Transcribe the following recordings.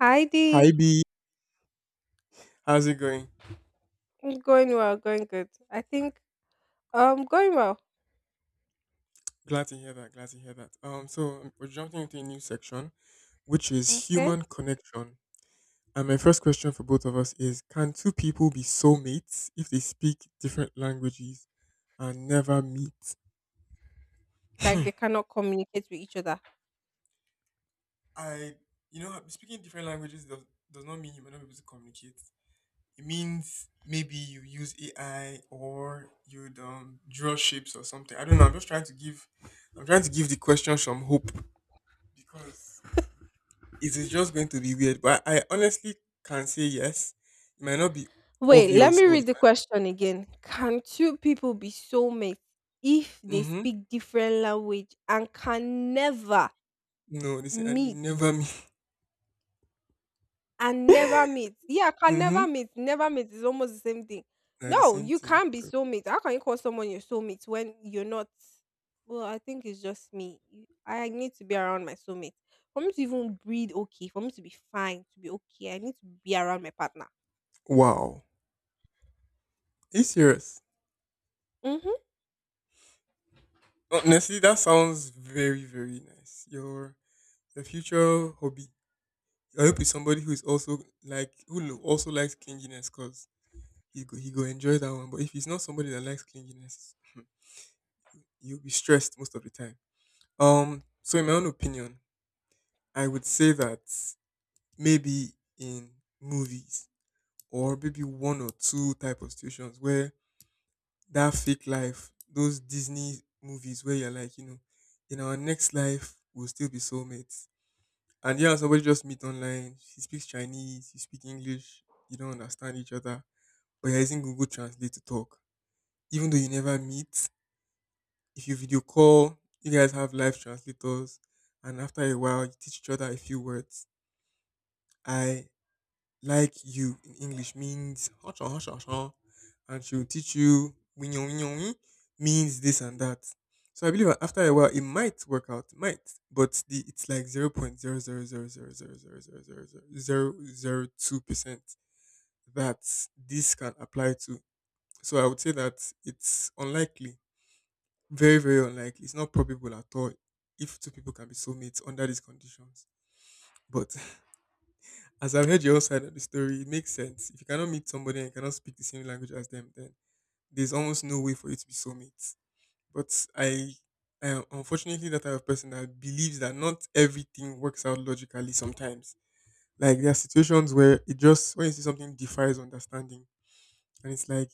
Hi Dee. Hi B, how's it going? Going well, going good. I think, going well. Glad to hear that. Glad to hear that. So we're jumping into a new section, which is Okay. human connection. And my first question for both of us is: Can two people be soulmates if they speak different languages and never meet? Like they cannot communicate with each other. I, you know, speaking different languages does not mean you might not be able to communicate. It means maybe you use AI or you draw shapes or something. I don't know. I'm trying to give the question some hope because it is just going to be weird. But I honestly can say yes. It might not be Wait, let obvious me or it read the question again. Can two people be soulmates if might, they mm-hmm. speak different language and can never No, they say and they meet. never mean And never meet. Yeah, can mm-hmm. never meet. Never meet is almost the same thing. They're the No, same you thing. can't be So, soulmate. How can you call someone your soulmate when you're not? Well, I think it's just me. I need to be around my soulmate. For me to even breathe okay, for me to be fine, to be okay, I need to be around my partner. wow. Are you serious? Mm-hmm. Honestly, that sounds very, very nice. Your future hobby. I hope it's somebody who is also like who lo- also likes clinginess because he go enjoy that one. But if it's not somebody that likes clinginess, you'll be stressed most of the time. So in my own opinion, I would say that maybe in movies or maybe one or two type of situations where that fake life, those Disney movies where you're like, you know, in our next life we'll still be soulmates. And yeah, somebody just meet online. She speaks Chinese, you speak English, you don't understand each other, but you're using Google Translate to talk. Even though you never meet, if you video call, you guys have live translators, and after a while you teach each other a few words. I like you in English means hush on, hush on, hush on, and she will teach you win yon, win yon, win means this and that. So I believe after a while it might work out, it might, but the it's like 0.00000000002% that this can apply to. So I would say that it's unlikely, very very unlikely. It's not probable at all if two people can be soulmates under these conditions. But as I've heard your whole side of the story, it makes sense. If you cannot meet somebody and you cannot speak the same language as them, then there's almost no way for you to be soulmates. But I, I am unfortunately that type of person that believes that not everything works out logically sometimes. Like there are situations where it just when you see something defies understanding, and it's like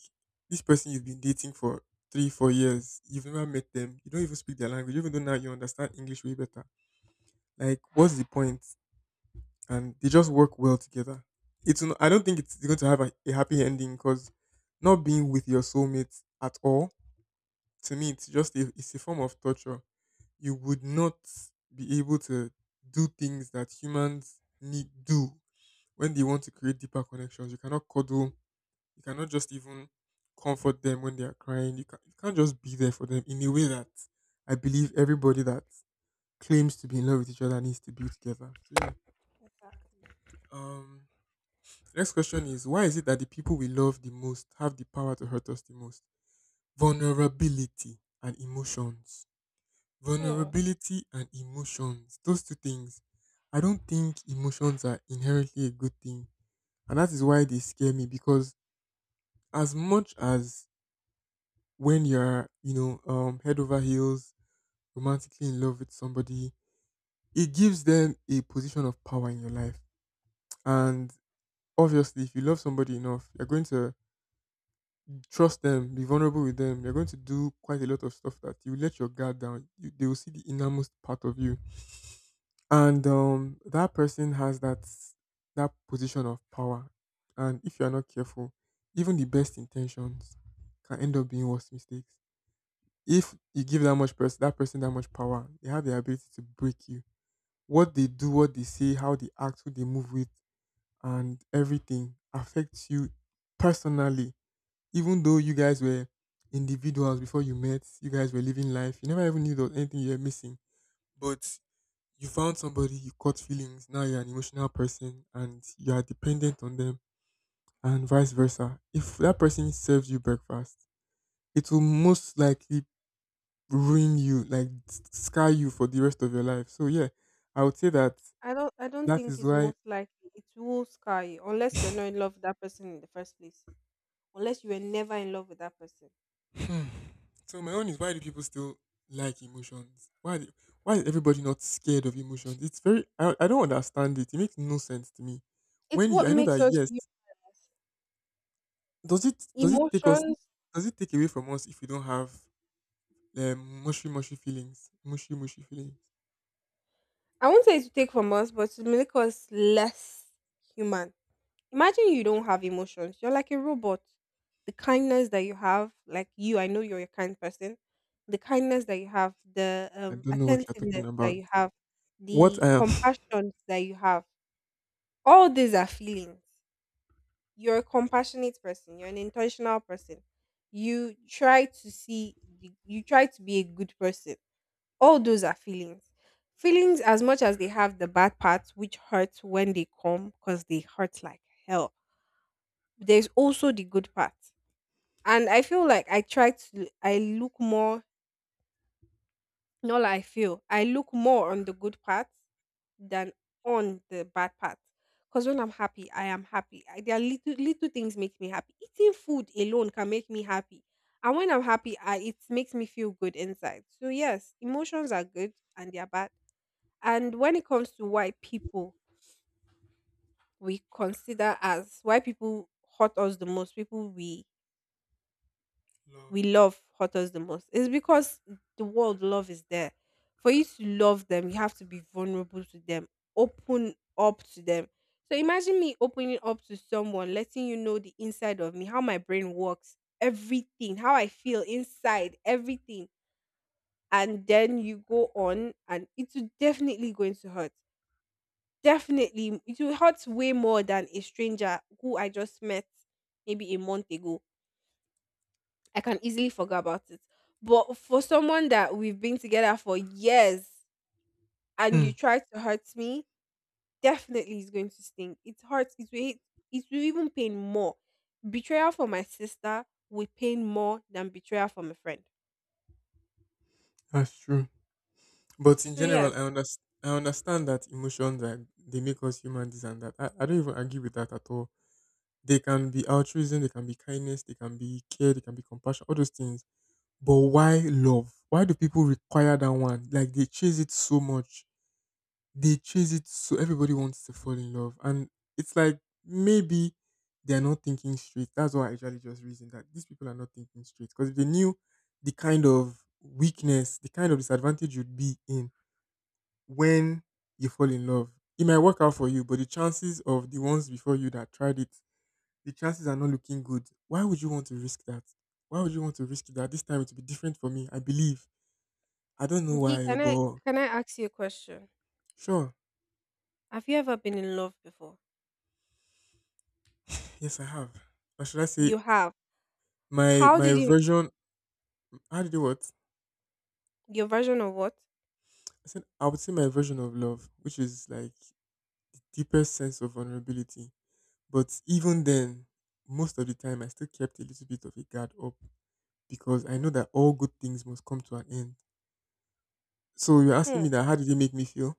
this person you've been dating for three, 4 years, you've never met them, you don't even speak their language, even though now you understand English way better. Like, what's the point? And they just work well together. It's n- I don't think it's going to have a happy ending because not being with your soulmate at all to me it's just it's a form of torture. You would not be able to do things that humans need do when they want to create deeper connections. You cannot cuddle. You cannot just even comfort them when they are crying. You can't just be there for them in a way that I believe everybody that claims to be in love with each other needs to be together. So yeah. Um, The next question is why is it that the people we love the most have the power to hurt us the most? Vulnerability and emotions. Hmm. Vulnerability and emotions. Those two things. I don't think emotions are inherently a good thing. And that is why they scare me because as much as when you're, you know, head over heels, romantically in love with somebody, it gives them a position of power in your life. And obviously, if you love somebody enough, you're going to trust them, be vulnerable with them. You're going to do quite a lot of stuff that you let your guard down. You, they will see the innermost part of you, and that person has that position of power. And if you are not careful, even the best intentions can end up being worse mistakes. If you give that person that much power, they have the ability to break you. What they do, what they say, how they act, who they move with, and everything affects you personally even though you guys were individuals before you met, you guys were living life, you never even knew there was anything you were missing. But you found somebody, you caught feelings, now you're an emotional person and you are dependent on them, and vice versa. If that person serves you breakfast, it will most likely ruin you, like scar you for the rest of your life. So, yeah, I would say that I don't that think is it's why. most likely. It will scar you unless you're not in love with that person in the first place. Unless you were never in love with that person. Hmm. So my own is why do people still like emotions? Why is everybody not scared of emotions? It's very I don't understand it. It makes no sense to me. It's When you what I know makes that us yes, hu- does it take us emotions does it take away from us if we don't have mushy mushy feelings? Mushy mushy feelings. I won't say it's to take from us, but to make us less human. Imagine you don't have emotions. You're like a robot. The kindness that you have, like you, I know you're a kind person. The kindness that you have, the I don't know what you're attentiveness talking that about. you have, the What I am compassion that you have, all these are feelings. You're a compassionate person. You're an intentional person. You try to see, you try to be a good person, all those are feelings. Feelings, as much as they have the bad parts, which hurt when they come because they hurt like hell, there's also the good part. And I feel like I try to, I look more, not like I feel, I look more on the good parts than on the bad part. Because when I'm happy, I am happy. I, there are little, little things make me happy. Eating food alone can make me happy. And when I'm happy, I, it makes me feel good inside. So, yes, emotions are good and they are bad. And when it comes to white people, we consider as white people hurt us the most. People we love. we love hurt us the most. It's because the world love is there. For you to love them, you have to be vulnerable to them, open up to them. So imagine me opening up to someone, letting you know the inside of me, how my brain works, everything, how I feel inside, everything. And then you go on, and it's definitely going to hurt. Definitely, it will hurt way more than a stranger who I just met maybe a month ago. I can easily forget about it. But for someone that we've been together for years and Hmm, you try to hurt me, definitely is going to sting. It hurts. It will even pain more. Betrayal from my sister will pain more than betrayal from a friend. that's true. But in So general, I yes, understand. I understand that emotions are they make us human, this and that. I don't even argue with that at all. They can be altruism, they can be kindness, they can be care, they can be compassion, all those things. But why love? Why do people require that one? Like they chase it so much. They chase it so everybody wants to fall in love. And it's like maybe they're not thinking straight. That's why I usually just reason that these people are not thinking straight. Because if they knew the kind of weakness, the kind of disadvantage you'd be in when you fall in love, it might work out for you, but the chances of the ones before you that tried it the chances are not looking good. Why would you want to risk that? Why would you want to risk that? This time it will be different for me. I believe. I don't know D. why, oh, can I but can I ask you a question? sure. Have you ever been in love before? Yes, I have. Or should I say You have. my How my did you, version? How did it what? your version of what? I said I would say my version of love, which is like the deepest sense of vulnerability. But even then, most of the time, I still kept a little bit of a guard up because I know that all good things must come to an end. So you're asking Hmm. me that how did it make me feel?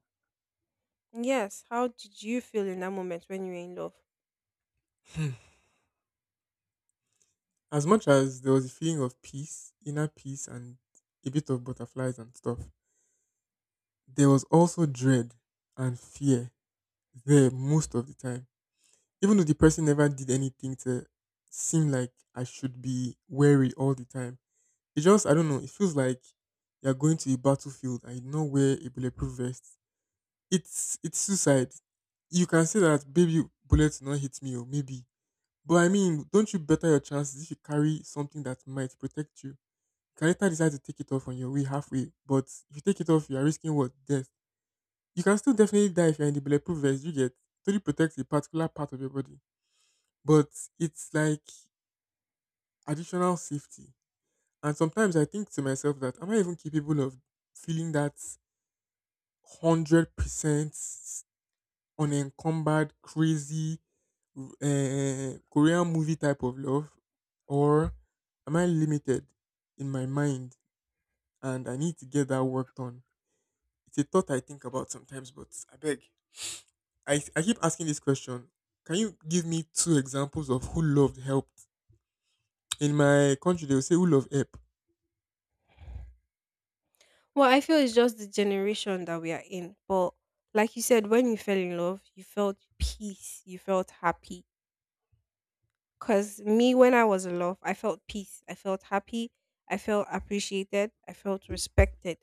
Yes. How did you feel in that moment when you were in love? Hmm. As much as there was a feeling of peace, inner peace, and a bit of butterflies and stuff, there was also dread and fear there most of the time. Even though the person never did anything to seem like I should be wary all the time, it just, I don't know, it feels like you're going to a battlefield and you know where a bulletproof vest. It's suicide. You can say that, baby, bullets not hit me, or maybe. But I mean, don't you better your chances if you carry something that might protect you? You can later decide to take it off on your way halfway. But if you take it off, you are risking what? Death. You can still definitely die if you're in the bulletproof vest. You get totally protects a particular part of your body. But it's like additional safety. And sometimes I think to myself that am I even capable of feeling that 100% unencumbered, crazy Korean movie type of love? Or am I limited in my mind and I need to get that work done? It's a thought I think about sometimes, but I beg. I keep asking this question. Can you give me two examples of who loved helped? In my country, they'll say who loved help. Well, I feel it's just the generation that we are in. But like you said, when you fell in love, you felt peace, you felt happy. Because me, when I was in love, I felt peace, I felt happy, I felt appreciated, I felt respected,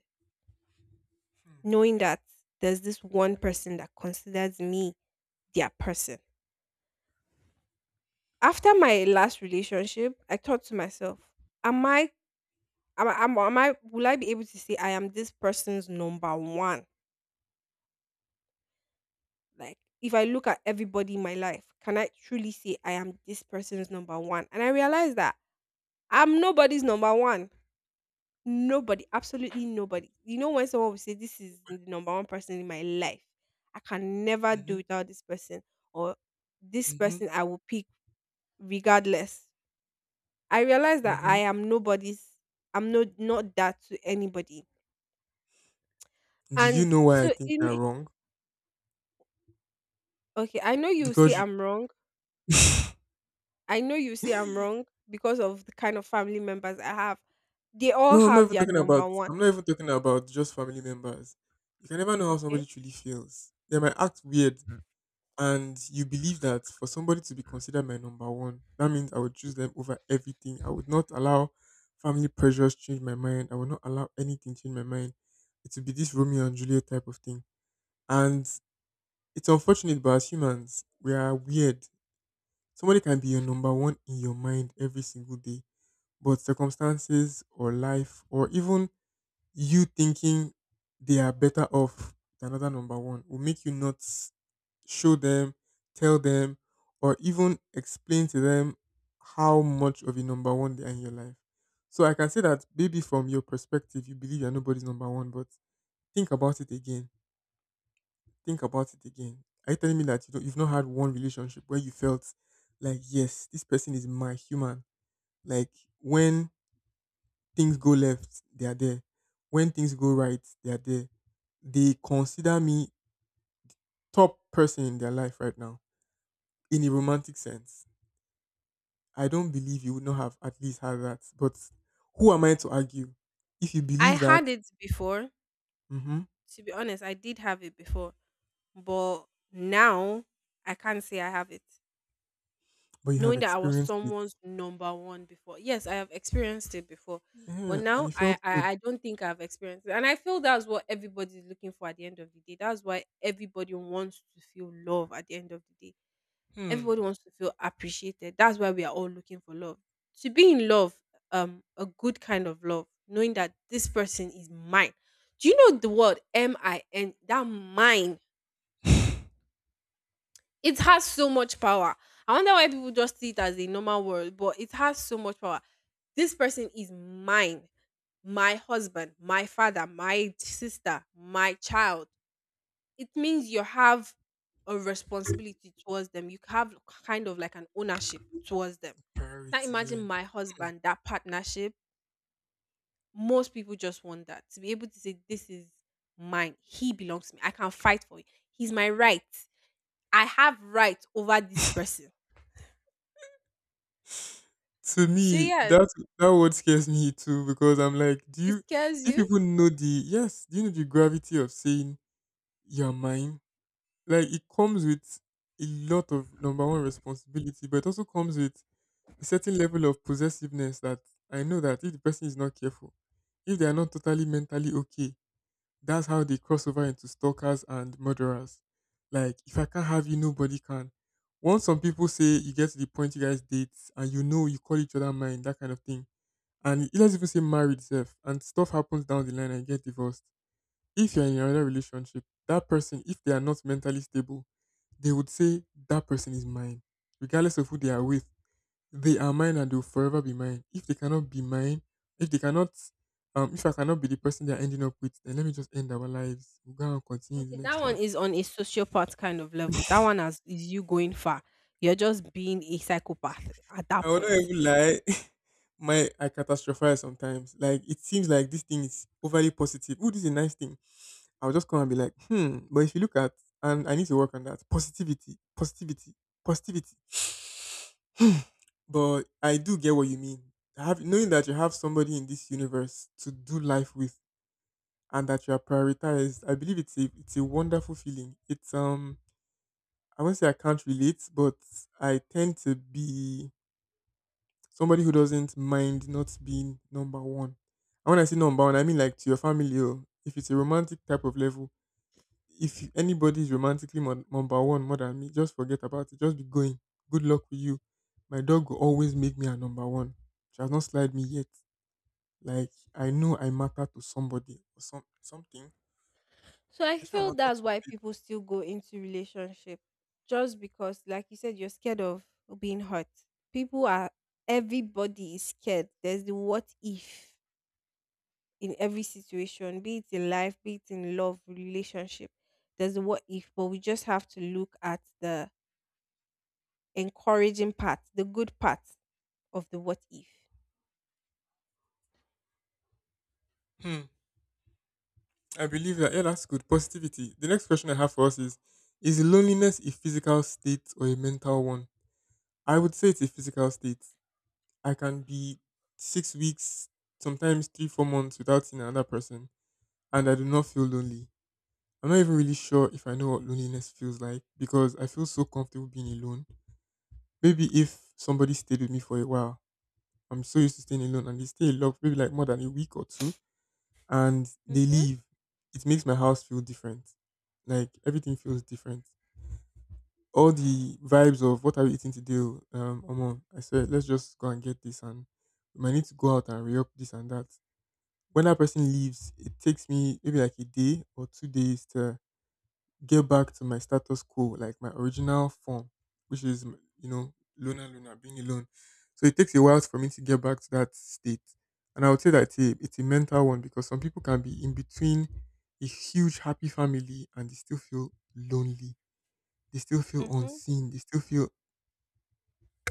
knowing that there's this one person that considers me their person. After my last relationship, I thought to myself, am I, am I, will I be able to say I am this person's number one? Like, if I look at everybody in my life, can I truly say I am this person's number one? And I realized that I'm nobody's number one. Nobody, absolutely nobody. You know, when someone will say, "This is the number one person in my life, I can never do Mm-hmm, without this person, or this mm-hmm, person I will pick regardless." I realized that mm-hmm. I'm no, not that to anybody. Do you And know why I so, think you're wrong? okay, Because you- I know you say I'm wrong because of the kind of family members I have. They all no, have their number one. I'm not even talking about just family members. You can never know how somebody Okay. truly feels. They might act weird, and you believe that for somebody to be considered my number one, that means I would choose them over everything. I would not allow family pressures change my mind. I would not allow anything change my mind. It would be this Romeo and Juliet type of thing. And it's unfortunate, but as humans, we are weird. Somebody can be your number one in your mind every single day, but circumstances or life or even you thinking they are better off than another number one will make you not show them, tell them, or even explain to them how much of a number one they are in your life. So I can say that maybe from your perspective, you believe you're nobody's number one, but think about it again. Think about it again. Are you telling me that you've not had one relationship where you felt like, yes, this person is my human? Like when things go left, they are there. When things go right, they are there. They consider me top person in their life right now in a romantic sense. I don't believe you would not have at least had that. But who am I to argue? If you I believe that, had it before. hmm, To be honest, I did have it before. But now I can't say I have it. but you have Knowing that I was experienced it, someone's number one before. Yes, I have experienced it before. But yeah, and now it I, felt I, good. I don't think I've experienced it. And I feel that's what everybody's looking for at the end of the day. That's why everybody wants to feel love at the end of the day. Hmm, Everybody wants to feel appreciated. That's why we are all looking for love. To be in love, a good kind of love, knowing that this person is mine. Do you know the word MIN? That mine. It has so much power. I wonder why people just see it as a normal word, but it has so much power. This person is mine, my husband, my father, my sister, my child. It means you have a responsibility towards them. You have kind of like an ownership towards them. Now priority, yeah. imagine my husband, that partnership. Most people just want that to be able to say, "This is mine. He belongs to me. I can fight for it. He's my right. I have right over this person." To So me, yes, that word scares me too because I'm like, it scares do you. people know the yes? Do you know the gravity of saying you're mine? Like it comes with a lot of number one responsibility, but it also comes with a certain level of possessiveness that I know that if the person is not careful, if they are not totally mentally okay, that's how they cross over into stalkers and murderers. Like, if I can't have you, nobody can. Once some people say you get to the point you guys date and you know you call each other mine, that kind of thing. And it doesn't even say married self and stuff happens down the line and get divorced. If you're in another relationship, that person, if they are not mentally stable, they would say that person is mine, regardless of who they are with, they are mine and they'll forever be mine. If they cannot be mine, if they cannot, if I cannot be the person they're ending up with, then let me just end our lives. We'll go and continue the Okay, that next one one. is on a sociopath kind of level. Is you going far. You're just being a psychopath at I that will not point. even lie. My I catastrophize sometimes. Like it seems like this thing is overly positive. Oh, this is a nice thing. I'll just come and be like, hmm. But if you look at and I need to work on that positivity, positivity, positivity. But I do get what you mean. Have knowing that you have somebody in this universe to do life with and that you are prioritized. I believe it's a wonderful feeling. It's I won't say I can't relate, but I tend to be somebody who doesn't mind not being number one. And when I say number one, I mean like to your family. Or if it's a romantic type of level, if anybody is romantically number one more than me, just forget about it. Just be going. Good luck with you. My dog will always make me a number one. She has not slide me yet. Like I know I matter to somebody or some something. So I I shall feel matter that's to why a people still go into relationship just because like you said you're scared of being hurt. People are everybody is scared. There's the what if in every situation, be it in life, be it in love, relationship. There's the what if, but we just have to look at the encouraging part, the good part of the what if. baby. Hmm. I believe that. Yeah, that's good. Positivity. The next question I have for us is: is loneliness a physical state or a mental one? I would say it's a physical state. I can be 6 weeks, sometimes three, 4 months without seeing another person, and I do not feel lonely. I'm not even really sure if I know what loneliness feels like because I feel so comfortable being alone. Maybe if somebody stayed with me for a while, I'm so used to staying alone and they stay a lot, maybe like more than a week or two, and they Mhm, leave, it makes my house feel different. Like everything feels different. All the vibes of what are we eating today? Oh, um, Omo, I said let's just go and get this, and we might need to go out and re up this and that. When that person leaves, it takes me maybe like a day or 2 days to get back to my status quo, like my original form, which is you know luna luna being alone. So it takes a while for me to get back to that state, and I would say that it's a mental one because some people can be in between a huge happy family and they still feel lonely, they still feel mhm, unseen, they still feel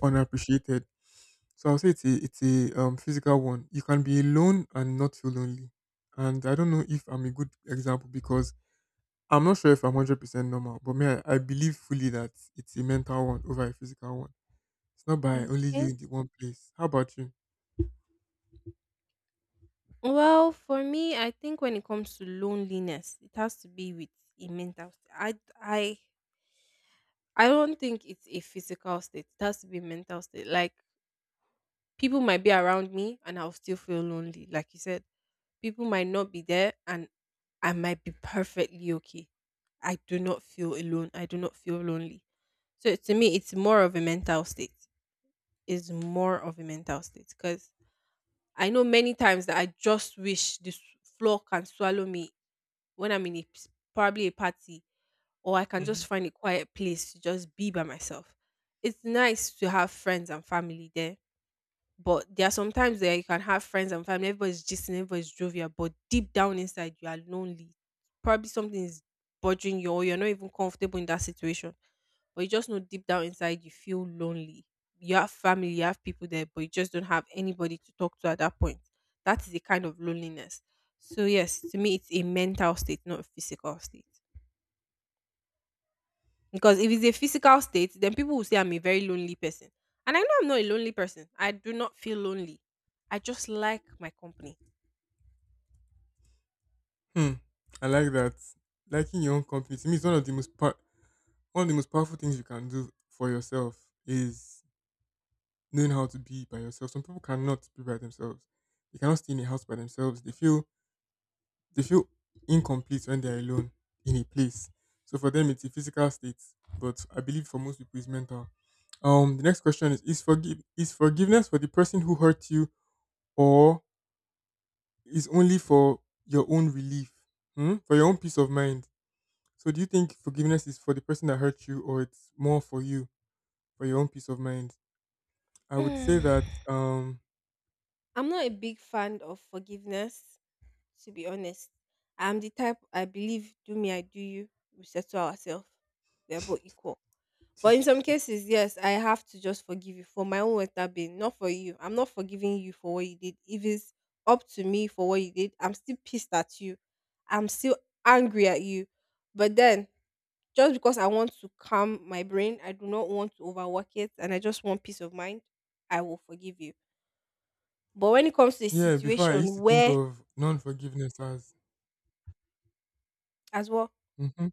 unappreciated. So I'll say it's a physical one. You can be alone and not feel lonely, and I don't know if I'm a good example because I'm not sure if I'm 100% normal, but me, I believe fully that it's a mental one over a physical one. It's not by only you okay. in the one place. How about you? Well, for me, I think when it comes to loneliness, it has to be with a mental state. I, I don't think it's a physical state. It has to be a mental state. Like people might be around me, and I'll still feel lonely. Like you said, people might not be there, and I might be perfectly okay. I do not feel alone. I do not feel lonely. So to me, it's more of a mental state. It's more of a mental state because I know many times that I just wish this floor can swallow me when I'm in probably a party or I can just Hmm. find a quiet place to just be by myself. It's nice to have friends and family there, but there are sometimes where you can have friends and family, everybody's gisting, everybody's jovial, but deep down inside you are lonely. Probably something is bothering you, or you're not even comfortable in that situation. But you just know deep down inside you feel lonely. You have family, you have people there, but you just don't have anybody to talk to at that point. That is a kind of loneliness. So yes, to me it's a mental state, not a physical state. Because if it's a physical state, then people will say I'm a very lonely person. And I know I'm not a lonely person. I do not feel lonely. I just like my company. Hmm. I like that. Liking your own company to me is one of the one of the most powerful things you can do for yourself is knowing how to be by yourself. Some people cannot be by themselves. They cannot stay in a house by themselves. They feel incomplete when they're alone in a place. So for them it's a physical state, but I believe for most people it's mental. The next question is: is forgive is forgiveness for the person who hurt you, or is only for your own relief, hmm? For your own peace of mind? So, do you think forgiveness is for the person that hurt you, or it's more for you, for your own peace of mind? I would say that, Mm. I'm not a big fan of forgiveness, to be honest. I'm the type I believe do me, I do you. We settle ourselves. We are both equal. But in some Jesus, cases, yes, I have to just forgive you for my own well-being, not for you. I'm not forgiving you for what you did. If it's up to me for what you did, I'm still pissed at you. I'm still angry at you. But then, just because I want to calm my brain, I do not want to overwork it, and I just want peace of mind, I will forgive you. But when it comes to a yeah. Before I used situation to think where, of non-forgiveness as, as well, hmm,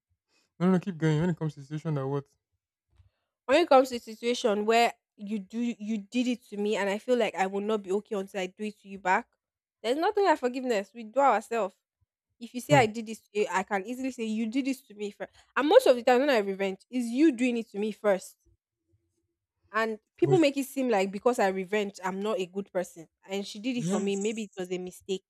no, no, keep going. When it comes to situation that what, when it comes to a situation where you did it to me and I feel like I will not be okay until I do it to you back, there's nothing like forgiveness. We do ourselves. If you say hmm, I did this to you, I can easily say you did this to me first. And most of the time when I revenge, is you doing it to me first. And people but make it seem like because I revenge, I'm not a good person. And she did it for me. Maybe yes, it was a mistake.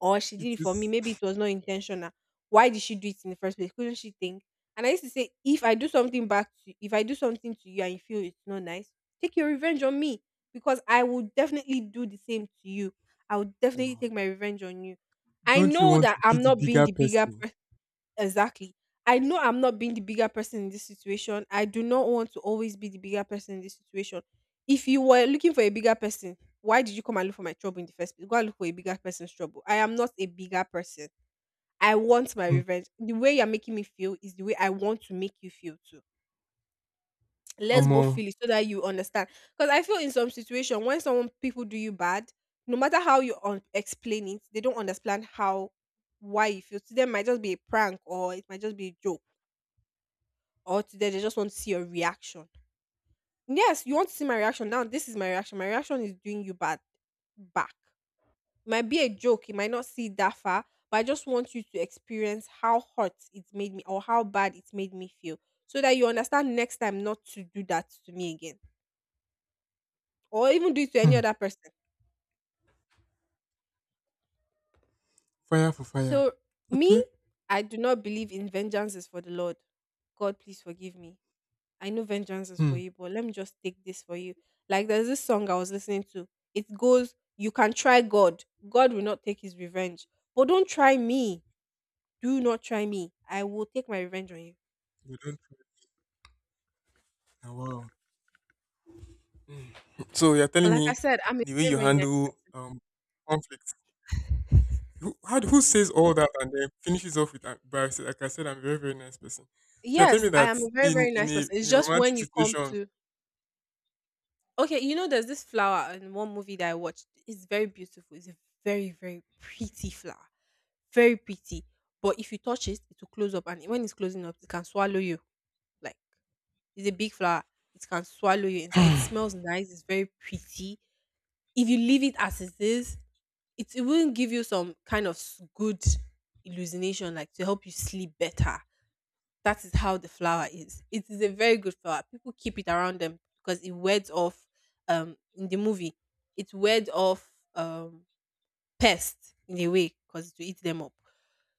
Or she it did it for me. is. Maybe it was not intentional. Why did she do it in the first place? Couldn't she think? And I used to say, if I do something back to if I do something to you and you feel it's not nice, take your revenge on me. Because I will definitely do the same to you. I will definitely Wow. take my revenge on you. I Don't you know want that to be I'm the not being bigger the bigger— person? Exactly. I know I'm not being the bigger person in this situation. I do not want to always be the bigger person in this situation. If you were looking for a bigger person, why did you come and look for my trouble in the first place? Go and look for a bigger person's trouble. I am not a bigger person. I want my Hmm. revenge. The way you're making me feel is the way I want to make you feel too. Let's Omo. both feel it so that you understand. Because I feel in some situation when someone people do you bad, no matter how you explain it, they don't understand how why you feel. To them, it might just be a prank or it might just be a joke, or today they just want to see your reaction. Yes, you want to see my reaction. Now this is my reaction. My reaction is doing you bad back. It might be a joke, it might not see it that far, but I just want you to experience how hot it made me or how bad it made me feel, so that you understand next time not to do that to me again. Or even do it to any Hmm. other person. Fire for fire. So me, Okay. I do not believe in vengeance is for the Lord. God, please forgive me. I know vengeance is for Hmm. you, but let me just take this for you. Like, there's this song I was listening to. It goes, "You can try God. God will not take his revenge. But don't try me. Do not try me. I will take my revenge on you." You don't trust now. Wow. Hmm. So you're But telling like I me said, I'm a the way very, you very nice. handle conflict. Who says all that and then finishes off with like I said, I'm a very very nice person? So you're telling me Yes, I that am a very, in very in nice a person. in It's a just romantic when you come situation. to— Okay, there's this flower in one movie that I watched. It's very beautiful. It's a very, very pretty flower. Very pretty. But if you touch it, it will close up. And when it's closing up, it can swallow you. Like, it's a big flower. It can swallow you inside. It smells nice. It's very pretty. If you leave it as it is, it will give you some kind of good illumination, like to help you sleep better. That is how the flower is. It is a very good flower. People keep it around them because it wards off. In the movie, it wards off pest in a way, because it will eat them up.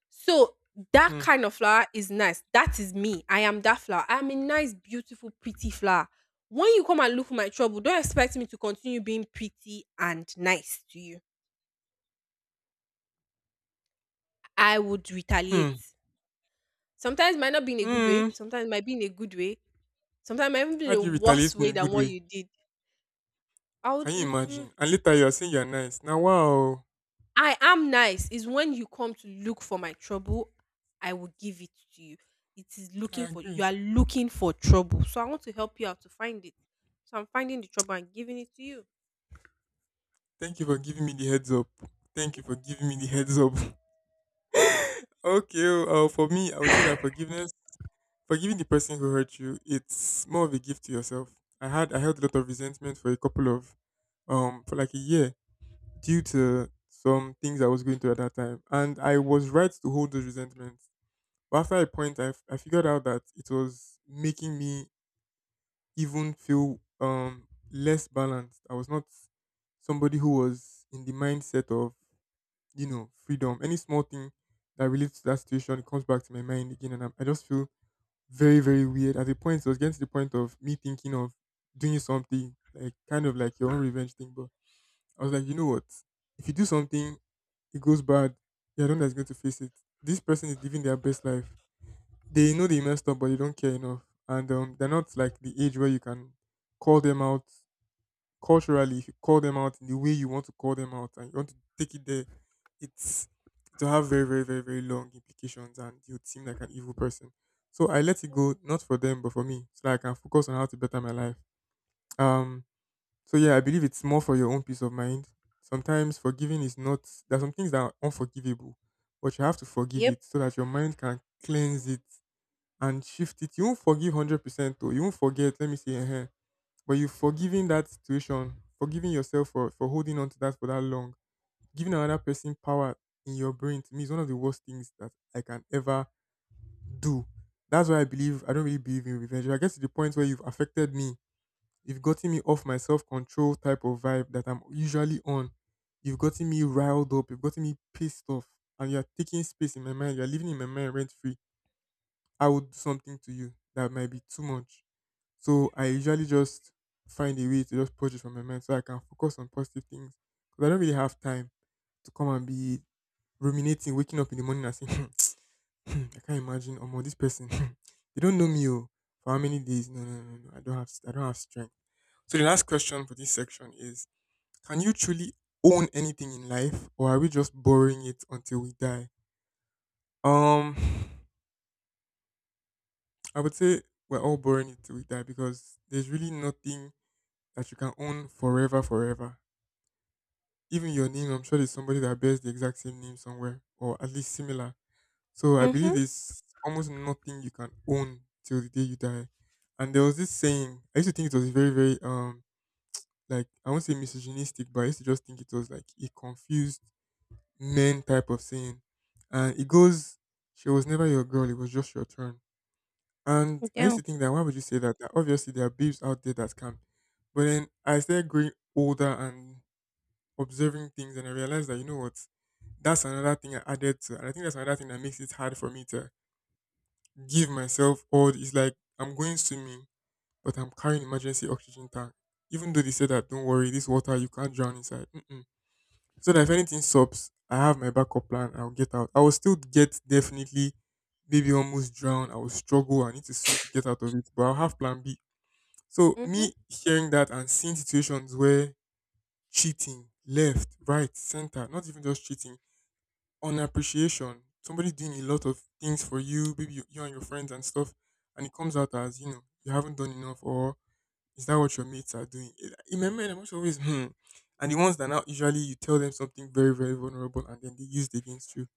So that Hmm. kind of flower is nice. That is me. I am that flower. I am a nice, beautiful, pretty flower. When you come and look for my trouble, don't expect me to continue being pretty and nice to you. I would retaliate. Hmm. Sometimes it might not be in a good way. Hmm. Sometimes it might be in a good way. Sometimes it might even be in How a do you retaliate worse in way a than good what way? you did. I would Can you if— imagine? And later you are saying you're nice. Now wow. I am nice. Is when you come to look for my trouble, I will give it to you. It is I looking for— You agree. are looking for trouble, so I want to help you out to find it. So I'm finding the trouble and giving it to you. Thank you for giving me the heads up. Thank you for giving me the heads up. Okay, oh, for me, I would say that forgiveness forgiving the person who hurt you, it's more of a gift to yourself. I held a lot of resentment for a couple of for like a year due to some things I was going through at that time, and I was right to hold those resentments. But after a point, I figured out that it was making me even feel less balanced. I was not somebody who was in the mindset of you know freedom. Any small thing that relates to that situation, it comes back to my mind again, and I just feel very, very weird. At the point, it was getting to the point of me thinking of doing something, like kind of like your own revenge thing. But I was like, you know what? If you do something, it goes bad. You're the one that's going to face it. This person is living their best life. They know they messed up, but they don't care enough. And they're not like the age where you can call them out culturally, if you call them out in the way you want to call them out and you want to take it there, it's to have very, very, very, very long implications and you would seem like an evil person. So I let it Mm. go, not for them, but for me, so that I can focus on how to better my life. Um, so yeah, I believe it's more for your own peace of mind. Sometimes forgiving is not, there are some things that are unforgivable, but you have to forgive Yep. it so that your mind can cleanse it and shift it. You won't forgive 100% or you won't forget, let me see, but you've forgiven that situation, forgiving yourself for holding on to that for that long, giving another person power in your brain to me is one of the worst things that I can ever do. That's why I believe I don't really believe in revenge. If I get to the point where you've affected me, you've gotten me off my self control type of vibe that I'm usually on. You've gotten me riled up, you've gotten me pissed off, and you're taking space in my mind, you're living in my mind rent free. I would do something to you that might be too much, so I usually just find a way to just purge it from my mind so I can focus on positive things. Because I don't really have time to come and be ruminating, waking up in the morning and saying, "Hmm, I can't imagine or more this person. They don't know me oh, for how many days. No, no, no, no. I don't have strength. So the last question for this section is, can you truly own anything in life, or are we just borrowing it until we die? Um I would say we're all borrowing it till we die, because there's really nothing that you can own forever, forever. Even your name, I'm sure there's somebody that bears the exact same name somewhere, or at least similar. So I believe Mhm. there's almost nothing you can own till the day you die. And there was this saying, I used to think it was very, very, like, I won't say misogynistic, but I used to just think it was like a confused men type of saying. And it goes, "She was never your girl, it was just your turn." And I used Yeah. to think, that why would you say that? That obviously there are babes out there that can. But then I started growing older and observing things, and I realized that, you know what, that's another thing I added to, and I think that's another thing that makes it hard for me to give myself all. It's like I'm going swimming, but I'm carrying emergency oxygen tank, even though they said that, don't worry, this water you can't drown inside. Mm-mm. So that if anything stops, I have my backup plan, I'll get out. I will still get, definitely maybe almost drown, I will struggle, I need to swim to get out of it, but I'll have plan B. So Mhm. me hearing that and seeing situations where cheating left right center, not even just cheating, on appreciation. Somebody's doing a lot of things for you, maybe you and your friends and stuff, and it comes out as, you haven't done enough, or is that what your mates are doing? It- in my mind, I'm always, hmm. And the ones that now usually you tell them something very, very vulnerable, and then they use it against you.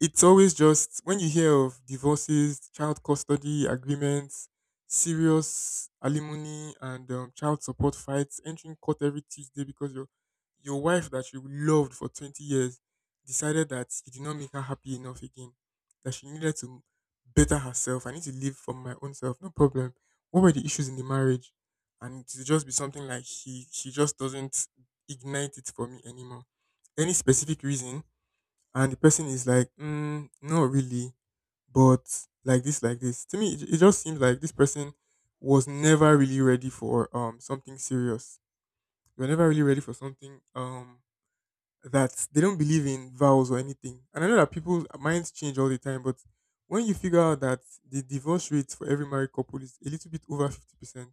It's always, just when you hear of divorces, child custody agreements, serious alimony, and child support fights, entering court every Tuesday because your wife that you loved for 20 years decided that you did not make her happy enough again, that she needed to better herself. I need to live for my own self. No problem. What were the issues in the marriage? And to just be something like, he just doesn't ignite it for me anymore. Any specific reason? And the person is like, mm, not really, but like this, like this. To me, it just seems like this person was never really ready for something serious. They were never really ready for something, that they don't believe in vows or anything. And I know that people's minds change all the time, but when you figure out that the divorce rate for every married couple is a little bit over 50%,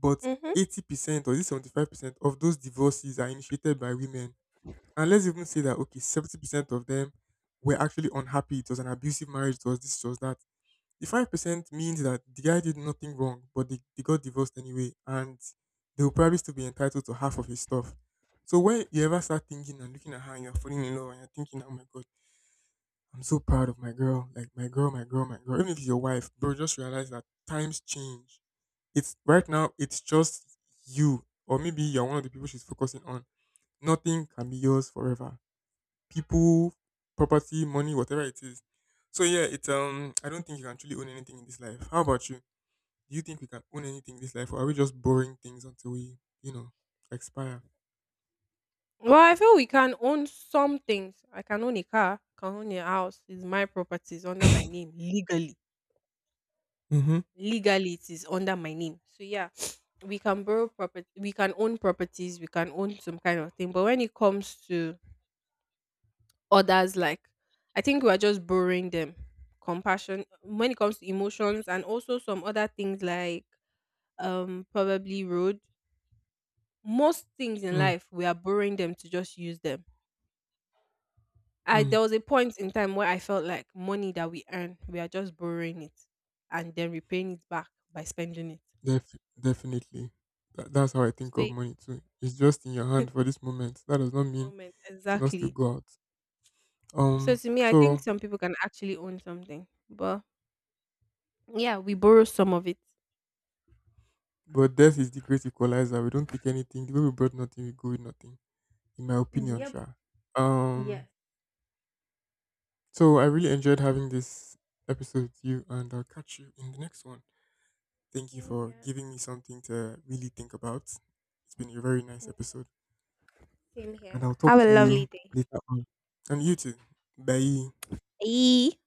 but Mhm. 80% or is it 75% of those divorces are initiated by women, and let's even say that, okay, 70% of them were actually unhappy. It was an abusive marriage. It was this. It was that. The 5% means that the guy did nothing wrong, but they got divorced anyway, and they will probably still be entitled to half of his stuff. So when you ever start thinking and looking at her, and you're falling in love, and you're thinking, "Oh my god, I'm so proud of my girl, like my girl, my girl, my girl." Even if it's your wife, bro, just realize that times change. It's right now. It's just you, or maybe you're one of the people she's focusing on. Nothing can be yours forever. People, property, money, whatever it is. So yeah, it's, I don't think you can truly own anything in this life. How about you? Do you think we can own anything in this life, or are we just borrowing things until we, you know, expire? Well, I feel we can own some things. I can own a car, I can own a house. It's my property. It's under my name legally. Mm-hmm. Legally, it is under my name, so yeah, we can borrow property, we can own properties, we can own some kind of thing, but when it comes to others like, I think we are just borrowing them. Compassion, when it comes to emotions and also some other things like, probably road, most things in life we are borrowing them to just use them. I Mm-hmm. There was a point in time where I felt like money that we earn, we are just borrowing it and then repaying it back by spending Def- definitely. That's how I think it. of So money too. It's just in your hand for this moment. That does not mean moment, to not still exactly. go out. So Um to me, I think so some people can actually own something, but yeah, we borrow some of it. but death is the great equalizer. We don't take anything. The way we brought nothing, we go with nothing. In my opinion, Yep. sure. Um. Yes. So I really enjoyed having this episode with you, and I'll catch you in the next one. Thank you Same for here. giving me something to really think about. It's been a very nice Mm. episode, Same and here. I'll talk Have a to lovely you day. later on. And you too. Bye. Bye.